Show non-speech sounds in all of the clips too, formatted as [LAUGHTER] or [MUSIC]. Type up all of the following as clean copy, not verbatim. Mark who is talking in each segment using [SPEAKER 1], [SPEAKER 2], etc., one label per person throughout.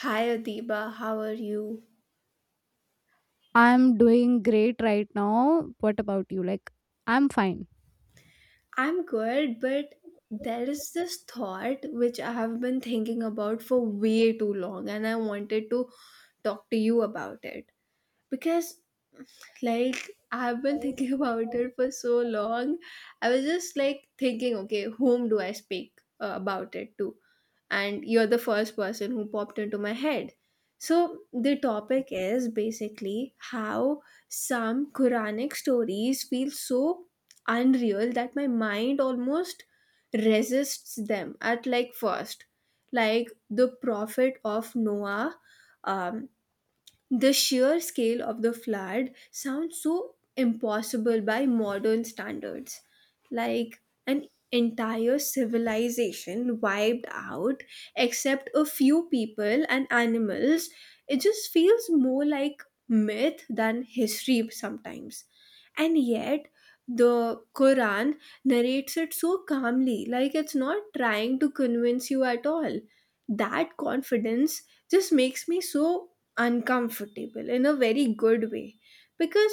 [SPEAKER 1] Hi Adiba, how are you?
[SPEAKER 2] I'm doing great right now. What about you? Like, I'm fine.
[SPEAKER 1] I'm good, but there is this thought which I have been thinking about for way too long, and I wanted to talk to you about it because, like, I've been thinking [LAUGHS] about it for so long. I was just like thinking, okay, whom do I speak about it to? And you're the first person who popped into my head. So, the topic is basically how some Quranic stories feel so unreal that my mind almost resists them at like first. Like the prophet of Noah, um, the sheer scale of the flood sounds so impossible by modern standards. Like an entire civilization wiped out, except a few people and animals. It just feels more like myth than history sometimes, and yet the quran narrates it so calmly, like it's not trying to convince you at all. That confidence just makes me so uncomfortable in a very good way, because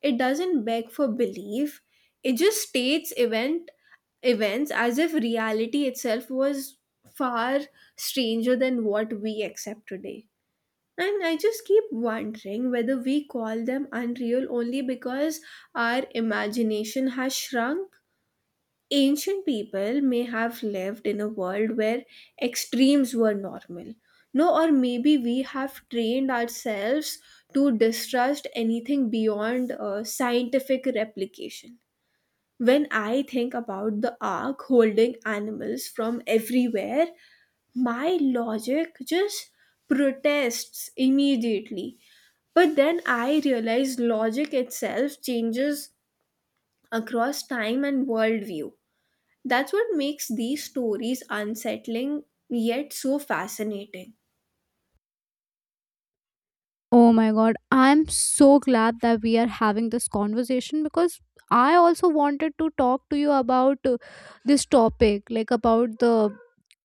[SPEAKER 1] it doesn't beg for belief, it just states events as if reality itself was far stranger than what we accept today. And I just keep wondering whether we call them unreal only because our imagination has shrunk. Ancient people may have lived in a world where extremes were normal. No, or maybe we have trained ourselves to distrust anything beyond scientific replication. When I think about the ark holding animals from everywhere, my logic just protests immediately. But then I realize logic itself changes across time and worldview. That's what makes these stories unsettling yet so fascinating.
[SPEAKER 2] Oh my god, I'm so glad that we are having this conversation because I also wanted to talk to you about this topic, like about the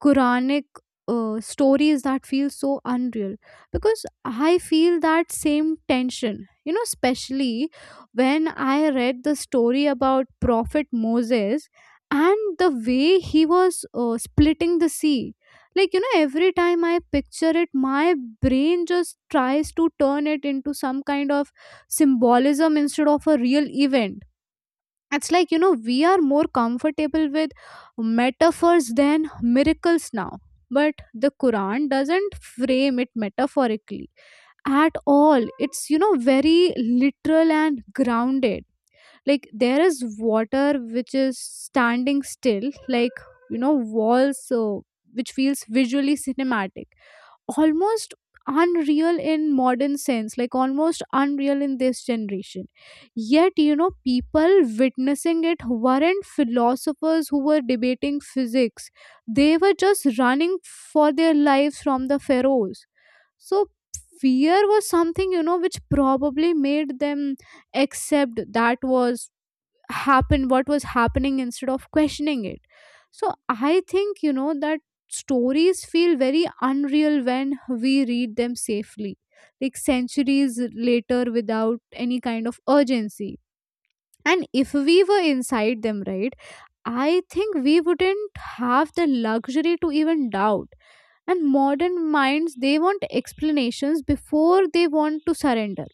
[SPEAKER 2] Quranic stories that feel so unreal. Because I feel that same tension, you know, especially when I read the story about Prophet Moses and the way he was splitting the sea, like, you know, every time I picture it, my brain just tries to turn it into some kind of symbolism instead of a real event. It's like, you know, we are more comfortable with metaphors than miracles now, but the Quran doesn't frame it metaphorically at all. It's, you know, very literal and grounded. Like there is water which is standing still, like, you know, walls, which feels visually cinematic, almost unreal in modern sense, like almost unreal in this generation. Yet, you know, people witnessing it weren't philosophers who were debating physics. They were just running for their lives from the pharaohs. So fear was something, you know, which probably made them accept that was happened what was happening instead of questioning it. So I think, you know, that stories feel very unreal when we read them safely, like centuries later without any kind of urgency. And if we were inside them, right, I think we wouldn't have the luxury to even doubt. And modern minds, they want explanations before they want to surrender.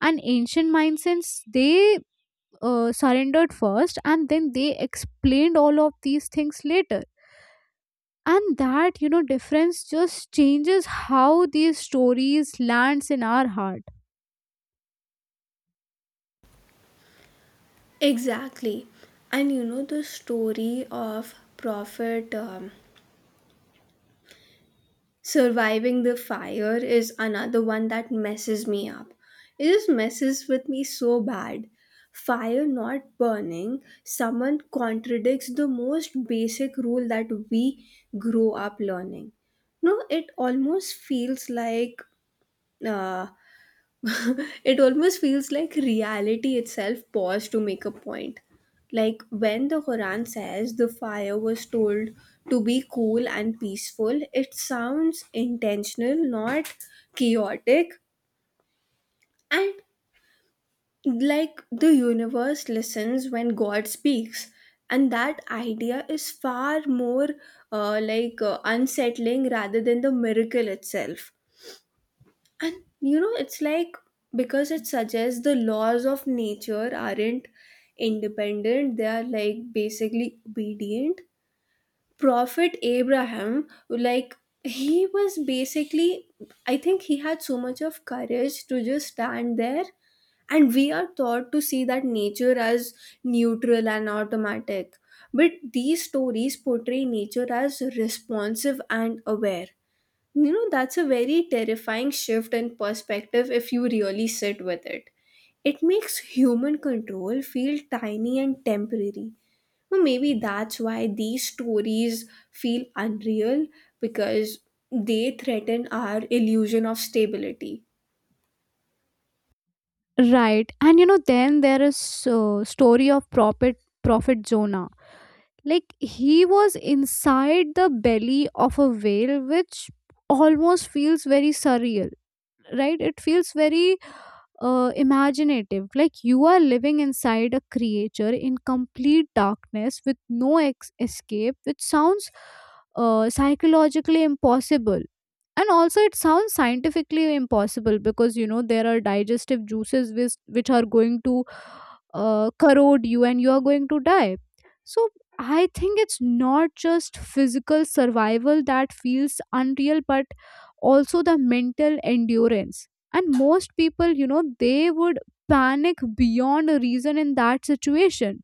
[SPEAKER 2] And ancient mindsets, they surrendered first and then they explained all of these things later. And that, you know, difference just changes how these stories lands in our heart.
[SPEAKER 1] Exactly. And you know, the story of Prophet Surviving the fire is another one that messes me up. It just messes with me so bad. Fire not burning, someone contradicts the most basic rule that we grow up learning. No, it almost feels like uh, [LAUGHS] it almost feels like reality itself paused to make a point. Like when the Quran says the fire was told to be cool and peaceful, it sounds intentional, not chaotic. And like the universe listens when God speaks. And that idea is far more unsettling rather than the miracle itself. And you know, it's like because it suggests the laws of nature aren't independent, they are like basically obedient. Prophet Abraham, like, he was basically, I think he had so much of courage to just stand there. And we are taught to see that nature as neutral and automatic. But these stories portray nature as responsive and aware. You know, that's a very terrifying shift in perspective if you really sit with it. It makes human control feel tiny and temporary. Well, maybe that's why these stories feel unreal, because they threaten our illusion of stability.
[SPEAKER 2] Right, and you know, then there is story of prophet Jonah. Like he was inside the belly of a whale, which almost feels very surreal, right? It feels very imaginative. Like you are living inside a creature in complete darkness with no escape, which sounds psychologically impossible. And also, it sounds scientifically impossible because, you know, there are digestive juices which are going to corrode you and you are going to die. So I think it's not just physical survival that feels unreal, but also the mental endurance. And most people, you know, they would panic beyond a reason in that situation.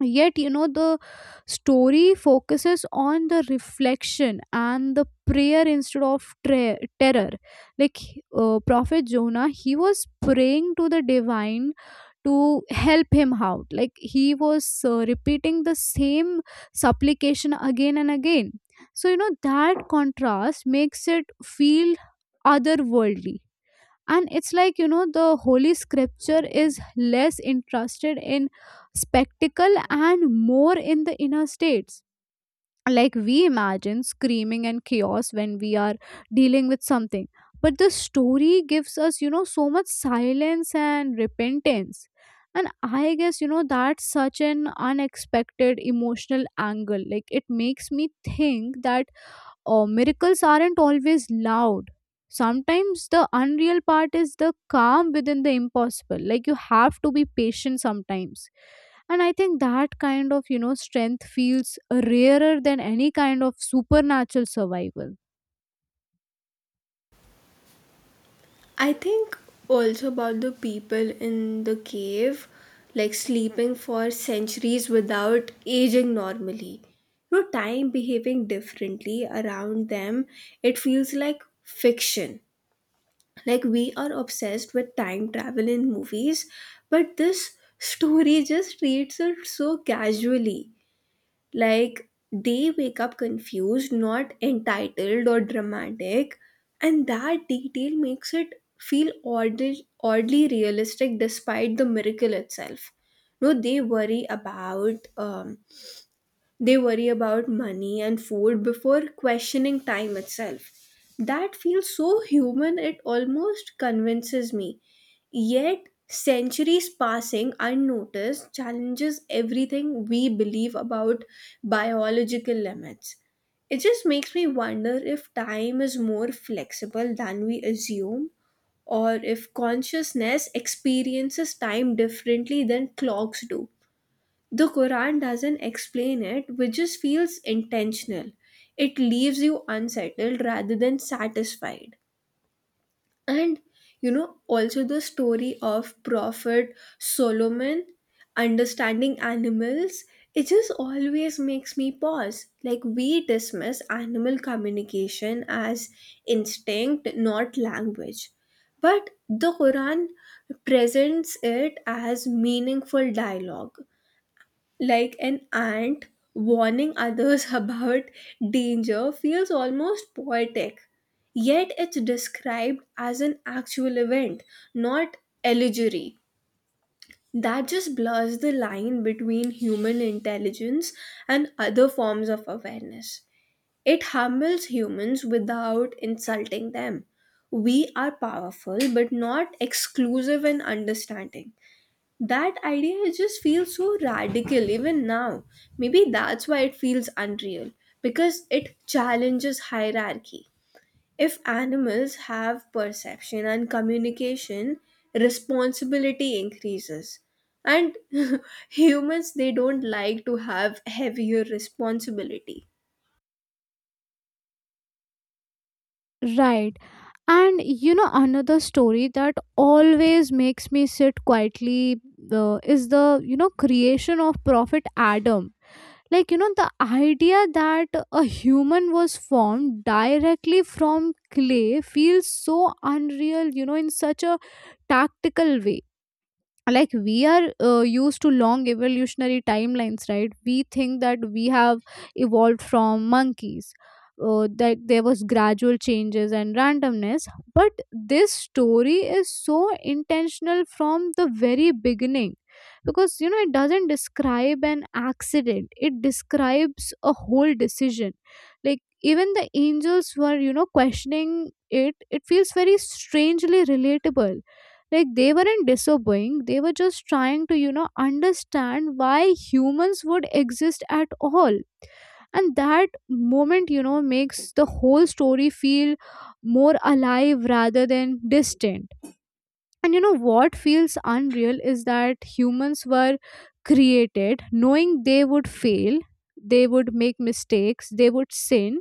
[SPEAKER 2] Yet, you know, the story focuses on the reflection and the prayer instead of terror. Like Prophet Jonah, he was praying to the divine to help him out. Like he was repeating the same supplication again and again. So, you know, that contrast makes it feel otherworldly. And it's like, you know, the holy scripture is less interested in spectacle and more in the inner states. Like we imagine screaming and chaos when we are dealing with something, but the story gives us, you know, so much silence and repentance. And I guess, you know, that's such an unexpected emotional angle. Like it makes me think that miracles aren't always loud. Sometimes the unreal part is the calm within the impossible. Like you have to be patient sometimes. And I think that kind of, you know, strength feels rarer than any kind of supernatural survival.
[SPEAKER 1] I think also about the people in the cave, like sleeping for centuries without aging normally. No time behaving differently around them, it feels like fiction. Like we are obsessed with time travel in movies, but this story just treats it so casually. Like they wake up confused, not entitled or dramatic, and that detail makes it feel oddly realistic despite the miracle itself. No, they worry about money and food before questioning time itself. That feels so human, it almost convinces me. Yet, centuries passing unnoticed challenges everything we believe about biological limits. It just makes me wonder if time is more flexible than we assume, or if consciousness experiences time differently than clocks do. The Quran doesn't explain it, which just feels intentional. It leaves you unsettled rather than satisfied. And you know, also the story of Prophet Solomon understanding animals, it just always makes me pause. Like, we dismiss animal communication as instinct, not language. But the Quran presents it as meaningful dialogue, like an ant warning others [LAUGHS] about danger, feels almost poetic, yet it's described as an actual event, not allegory. That just blurs the line between human intelligence and other forms of awareness. It humbles humans without insulting them. We are powerful but not exclusive in understanding. That idea just feels so radical even now. Maybe that's why it feels unreal, because it challenges hierarchy. If animals have perception and communication, responsibility increases. And [LAUGHS] humans, they don't like to have heavier responsibility.
[SPEAKER 2] Right. And you know, another story that always makes me sit quietly is the, you know, creation of Prophet Adam. Like, you know, the idea that a human was formed directly from clay feels so unreal, you know, in such a tactical way. Like we are used to long evolutionary timelines, right? We think that we have evolved from monkeys, that there was gradual changes and randomness. But this story is so intentional from the very beginning because, you know, it doesn't describe an accident, it describes a whole decision. Like even the angels were, you know, questioning it. It feels very strangely relatable. Like they weren't disobeying, they were just trying to, you know, understand why humans would exist at all. And that moment, you know, makes the whole story feel more alive rather than distant. And you know what feels unreal is that humans were created knowing they would fail, they would make mistakes, they would sin.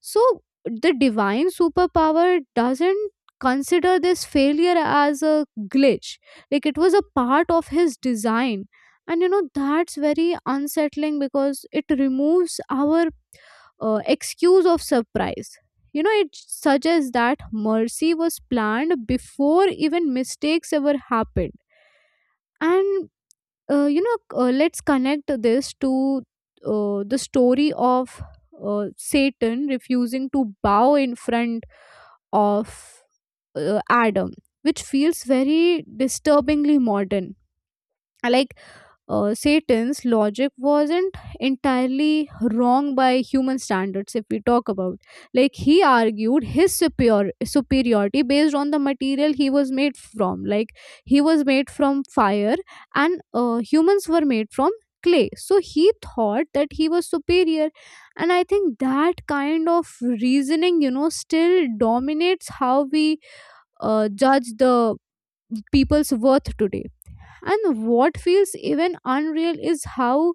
[SPEAKER 2] So the divine superpower doesn't consider this failure as a glitch. Like it was a part of his design. And you know, that's very unsettling because it removes our excuse of surprise. You know, it suggests that mercy was planned before even mistakes ever happened. And, let's connect this to the story of Satan refusing to bow in front of Adam, which feels very disturbingly modern. Like, Satan's logic wasn't entirely wrong by human standards, if we talk about. Like, he argued his superiority based on the material he was made from. Like, he was made from fire, and humans were made from clay. So, he thought that he was superior. And I think that kind of reasoning, you know, still dominates how we judge the people's worth today. And what feels even unreal is how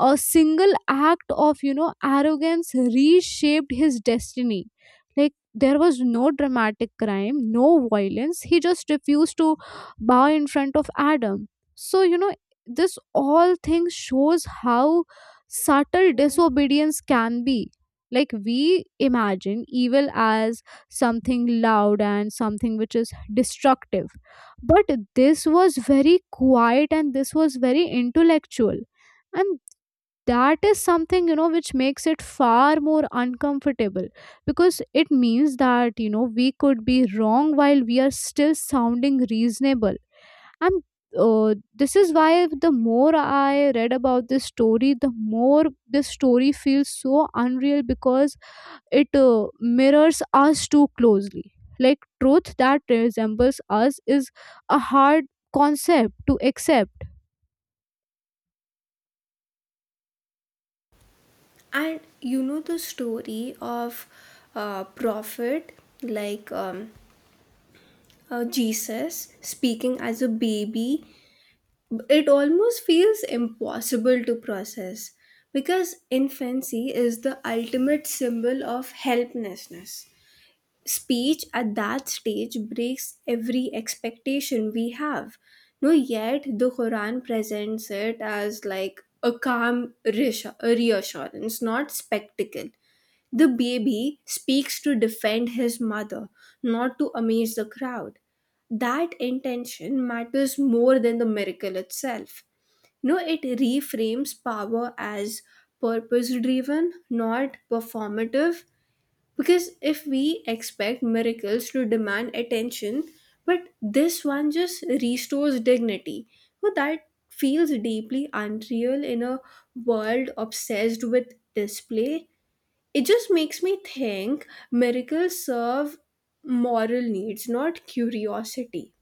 [SPEAKER 2] a single act of, you know, arrogance reshaped his destiny. Like there was no dramatic crime, no violence. He just refused to bow in front of Adam. So, you know, this all thing shows how subtle disobedience can be. Like we imagine evil as something loud and something which is destructive, but this was very quiet and this was very intellectual. And that is something, you know, which makes it far more uncomfortable because it means that, you know, we could be wrong while we are still sounding reasonable. And this is why the more I read about this story, the more this story feels so unreal because it mirrors us too closely. Like truth that resembles us is a hard concept to accept.
[SPEAKER 1] And you know, the story of prophet like Jesus speaking as a baby, it almost feels impossible to process because infancy is the ultimate symbol of helplessness. Speech at that stage breaks every expectation we have. No, yet the Quran presents it as like a calm a reassurance, not spectacle. The baby speaks to defend his mother, not to amaze the crowd. That intention matters more than the miracle itself. No, it reframes power as purpose driven, not performative. Because if we expect miracles to demand attention, but this one just restores dignity, well, that feels deeply unreal in a world obsessed with display. It just makes me think miracles serve moral needs, not curiosity.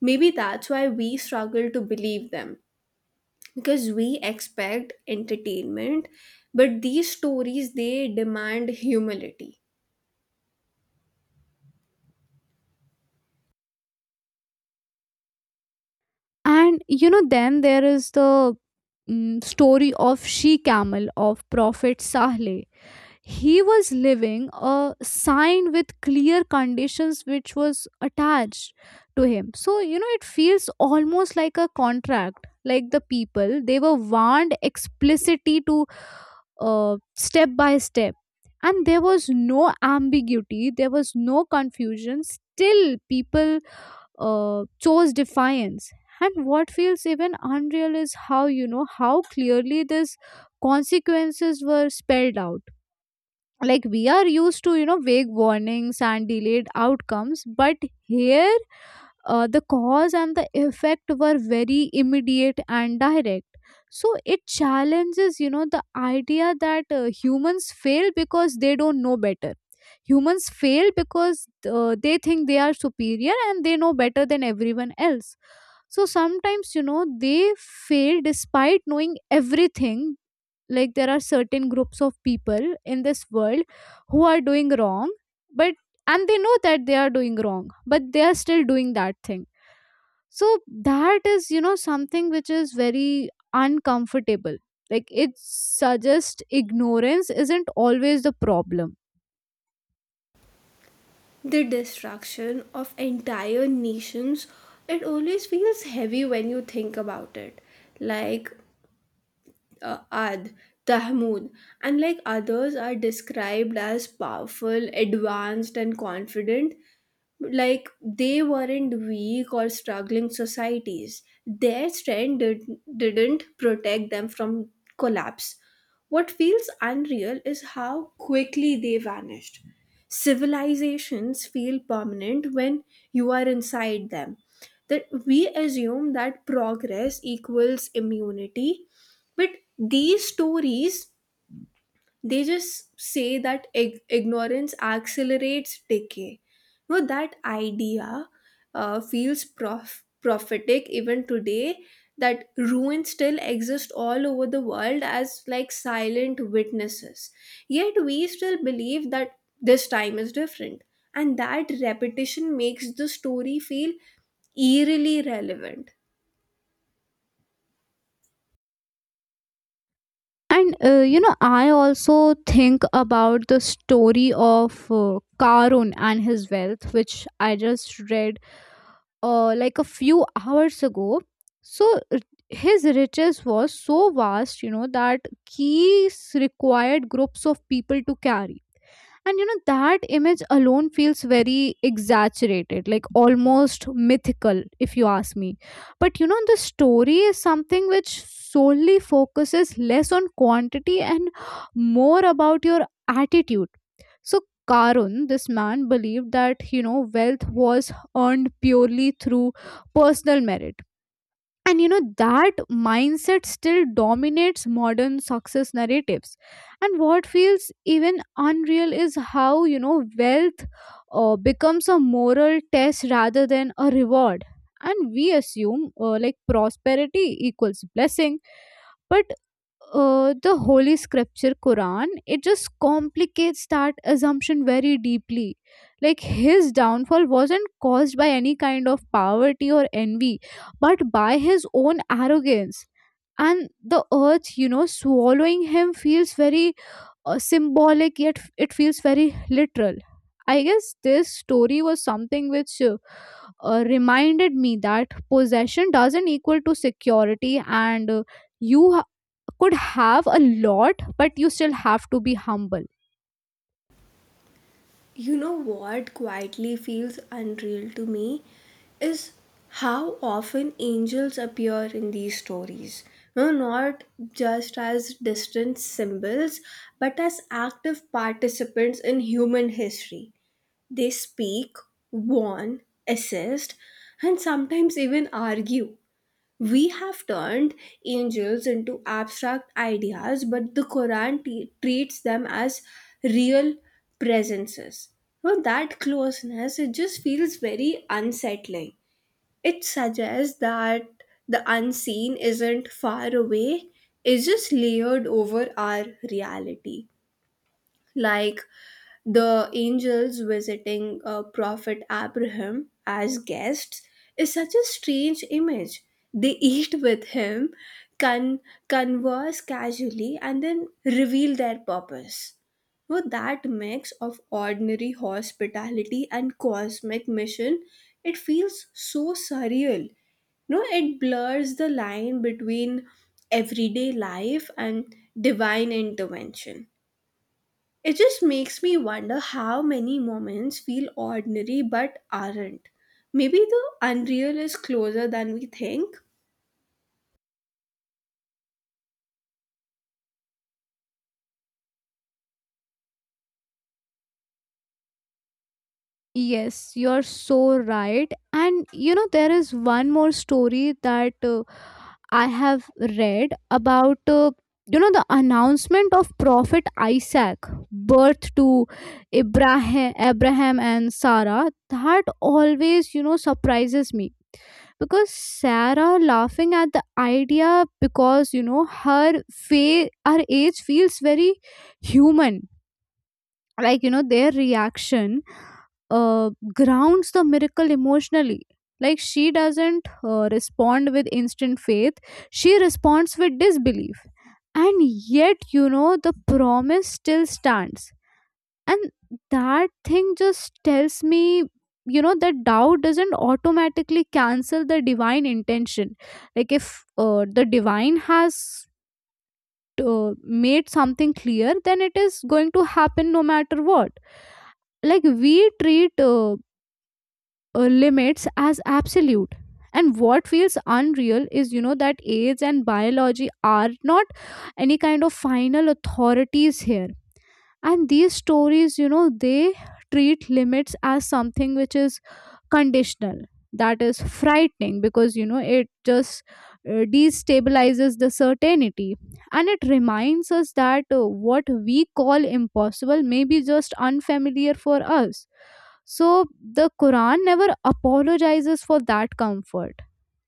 [SPEAKER 1] Maybe that's why we struggle to believe them, because we expect entertainment, but these stories they demand humility.
[SPEAKER 2] And you know, then there is the story of she camel of Prophet Sahle. He was living a sign with clear conditions which was attached to him. So, you know, it feels almost like a contract. Like the people, they were warned explicitly to step by step. And there was no ambiguity, there was no confusion. Still, people chose defiance. And what feels even unreal is how, you know, how clearly these consequences were spelled out. Like we are used to, you know, vague warnings and delayed outcomes, but here the cause and the effect were very immediate and direct. So it challenges, you know, the idea that humans fail because they don't know better. Humans fail because they think they are superior and they know better than everyone else. So sometimes, you know, they fail despite knowing everything. Like there are certain groups of people in this world who are doing wrong, but and they know that they are doing wrong, but they are still doing that thing. So that is, you know, something which is very uncomfortable. Like it suggests ignorance isn't always the problem.
[SPEAKER 1] The destruction of entire nations, it always feels heavy when you think about it. Like ad tahmud and like others are described as powerful, advanced and confident. Like they weren't weak or struggling societies, their strength didn't protect them from collapse. What feels unreal is how quickly they vanished. Civilizations feel permanent when you are inside them. That we assume that progress equals immunity, but these stories, they just say that ignorance accelerates decay. No, that idea feels prophetic even today. That ruins still exist all over the world as like silent witnesses, yet we still believe that this time is different. And that repetition makes the story feel eerily relevant.
[SPEAKER 2] And you know, I also think about the story of Karun and his wealth, which I just read like a few hours ago. So his riches was so vast, you know, that keys required groups of people to carry. And you know that image alone feels very exaggerated, like almost mythical, if you ask me. But you know, the story is something which solely focuses less on quantity and more about your attitude. So Karun, this man believed that, you know, wealth was earned purely through personal merit. And you know that mindset still dominates modern success narratives. And what feels even unreal is how, you know, wealth becomes a moral test rather than a reward. And we assume like prosperity equals blessing. But the holy scripture Quran, it just complicates that assumption very deeply. Like his downfall wasn't caused by any kind of poverty or envy, but by his own arrogance. And the earth, you know, swallowing him feels very symbolic, yet it feels very literal. I guess this story was something which reminded me that possession doesn't equal to security. And you could have a lot, but you still have to be humble.
[SPEAKER 1] You know what quietly feels unreal to me is how often angels appear in these stories. No, not just as distant symbols, but as active participants in human history. They speak, warn, assist, and sometimes even argue. We have turned angels into abstract ideas, but the Quran treats them as real presences. So that closeness, it just feels very unsettling. It suggests that the unseen isn't far away, it's just layered over our reality. Like the angels visiting Prophet Abraham as guests is such a strange image. They eat with him, con- converse casually, and then reveal their purpose. Now, that mix of ordinary hospitality and cosmic mission, it feels so surreal. No, it blurs the line between everyday life and divine intervention. It just makes me wonder how many moments feel ordinary but aren't. Maybe the unreal is closer than we think.
[SPEAKER 2] Yes, you're so right. And you know, there is one more story that I have read about, you know, the announcement of Prophet Isaac, birth to Abraham and Sarah. That always, you know, surprises me because Sarah laughing at the idea because, you know, her her age feels very human. Like, you know, their reaction uh, grounds the miracle emotionally. Like she doesn't respond with instant faith, she responds with disbelief. And yet, you know, the promise still stands. And that thing just tells me, you know, that doubt doesn't automatically cancel the divine intention. Like if the divine has made something clear, then it is going to happen no matter what. Like we treat limits as absolute. And what feels unreal is, you know, that age and biology are not any kind of final authorities here. And these stories, you know, they treat limits as something which is conditional. That is frightening because, you know, it just destabilizes the certainty. And it reminds us that what we call impossible may be just unfamiliar for us. So the Quran never apologizes for that comfort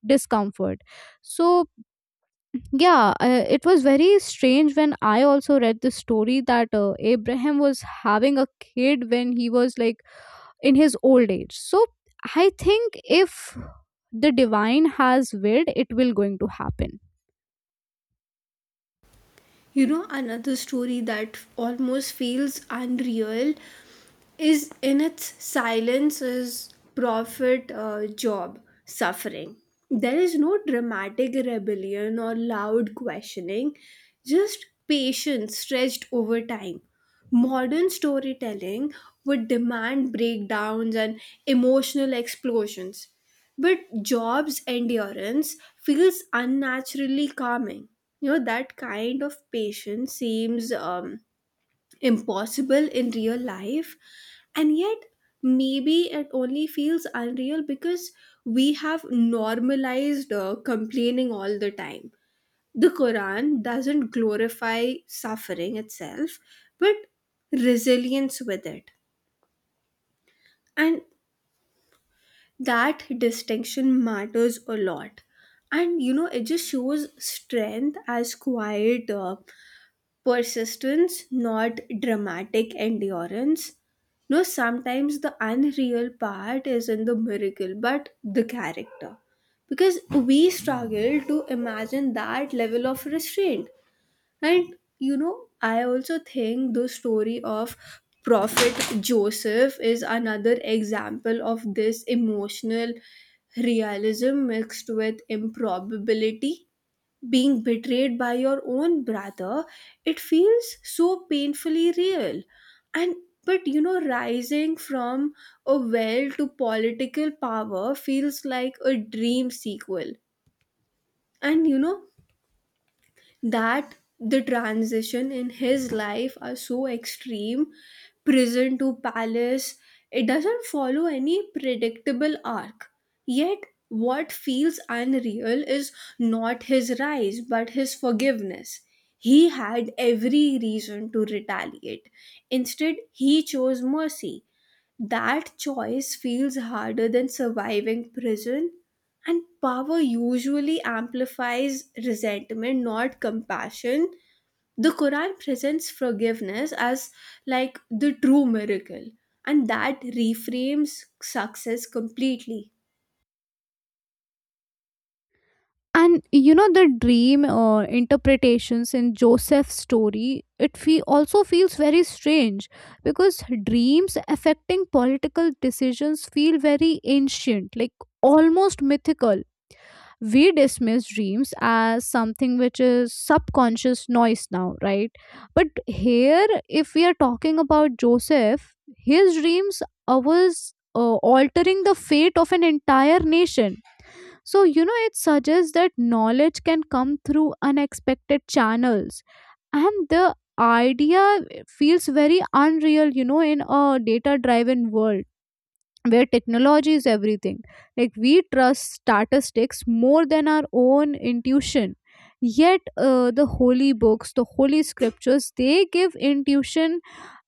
[SPEAKER 2] discomfort. So yeah, it was very strange when I also read the story that Abraham was having a kid when he was like in his old age. So I think if the divine has willed, it will going to happen.
[SPEAKER 1] You know, another story that almost feels unreal is in its silence is prophet job suffering. There is no dramatic rebellion or loud questioning, just patience stretched over time. Modern storytelling would demand breakdowns and emotional explosions, but Job's endurance feels unnaturally calming. You know, that kind of patience seems impossible in real life, and yet maybe it only feels unreal because we have normalized complaining all the time. The Quran doesn't glorify suffering itself, but resilience with it. And that distinction matters a lot. And you know, it just shows strength as quiet persistence, not dramatic endurance. No, sometimes the unreal part is in the miracle but the character, because we struggle to imagine that level of restraint. And you know, I also think the story of Prophet Joseph is another example of this emotional realism mixed with improbability. Being betrayed by your own brother, it feels so painfully real. And but you know, rising from a well to political power feels like a dream sequel. And you know, that the transition in his life are so extreme, prison to palace, it doesn't follow any predictable arc. Yet what feels unreal is not his rise but his forgiveness. He had every reason to retaliate, instead he chose mercy. That choice feels harder than surviving prison, and power usually amplifies resentment, not compassion. The Quran presents forgiveness as like the true miracle, and that reframes success completely.
[SPEAKER 2] And you know the dream interpretations in Joseph's story, it also feels very strange because dreams affecting political decisions feel very ancient, like almost mythical. We dismiss dreams as something which is subconscious noise now, right? But here, if we are talking about Joseph, his dreams was altering the fate of an entire nation. So you know, it suggests that knowledge can come through unexpected channels. And the idea feels very unreal, you know, in a data driven world where technology is everything. Like we trust statistics more than our own intuition. Yet the holy books, the holy scriptures, they give intuition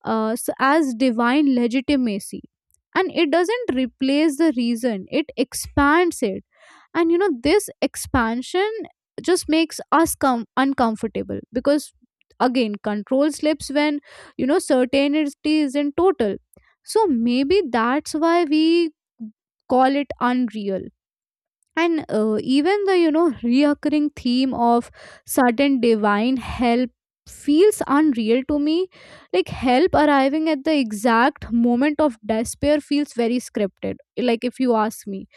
[SPEAKER 2] as divine legitimacy. And it doesn't replace the reason, it expands it. And you know, this expansion just makes us uncomfortable because again, control slips when, you know, certainty isn't total. So maybe that's why we call it unreal. And even the, you know, reoccurring theme of sudden divine help feels unreal to me. Like help arriving at the exact moment of despair feels very scripted, like if you ask me.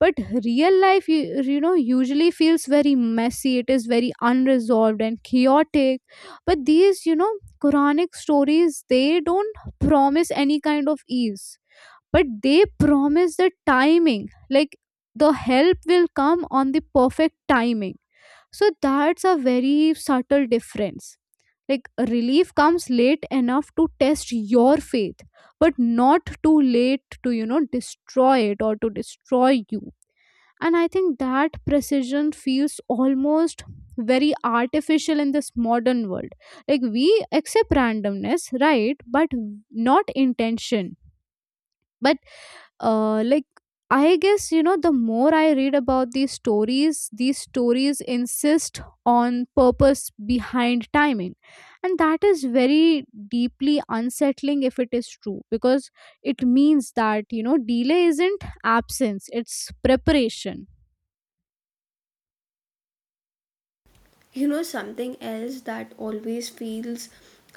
[SPEAKER 2] But real life you know, usually feels very messy. It is very unresolved and chaotic. But these, you know, Quranic stories, they don't promise any kind of ease, but they promise the timing. Like the help will come on the perfect timing. So that's a very subtle difference. Like relief comes late enough to test your faith, but not too late to, you know, destroy it or to destroy you. And I think that precision feels almost very artificial in this modern world. Like we accept randomness, right, but not intention. But uh, like I guess, you know, the more I read about these stories, these stories insist on purpose behind timing. And that is very deeply unsettling if it is true because it means that, you know, delay isn't absence, it's preparation.
[SPEAKER 1] You know, something else that always feels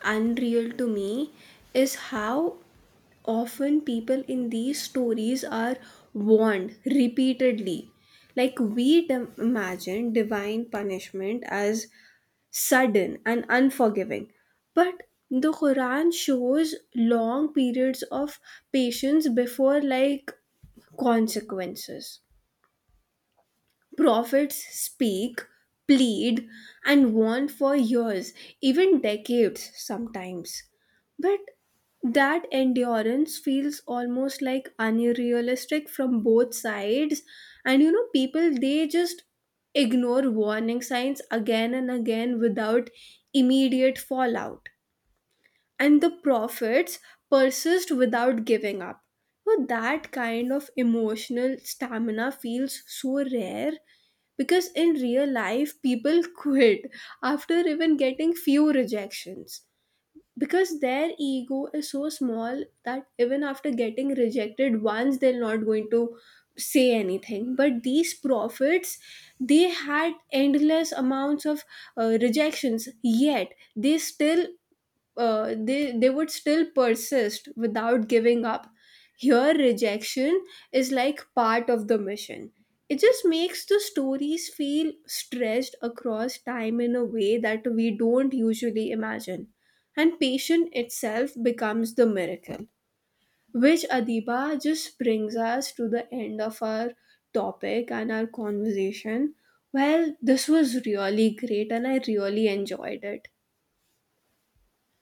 [SPEAKER 1] unreal to me is how often people in these stories are warned repeatedly. Like, we imagine divine punishment as sudden and unforgiving, but the Quran shows long periods of patience before, like, consequences. Prophets speak, plead, and warn for years, even decades sometimes. But that endurance feels almost like unrealistic from both sides. And you know, people they just ignore warning signs again and again without immediate fallout. And the prophets persist without giving up. So that kind of emotional stamina feels so rare because in real life people [LAUGHS] quit after even getting few rejections because their ego is so small that even after getting rejected once they're not going to say anything, but these prophets, they had endless amounts of rejections, yet they still they would still persist without giving up. Here rejection is like part of the mission. It just makes the stories feel stretched across time in a way that we don't usually imagine, and patience itself becomes the miracle. Which Adiba, just brings us to the end of our topic and our conversation. Well, this was really great and I really enjoyed it.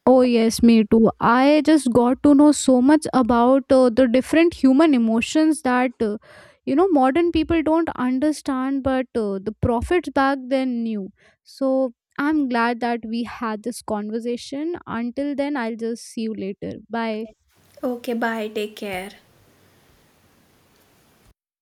[SPEAKER 2] Oh, yes, me too. I just got to know so much about the different human emotions that, you know, modern people don't understand, but the prophets back then knew. So I'm glad that we had this conversation. Until then, I'll just see you later. Bye.
[SPEAKER 1] Okay, bye, take care.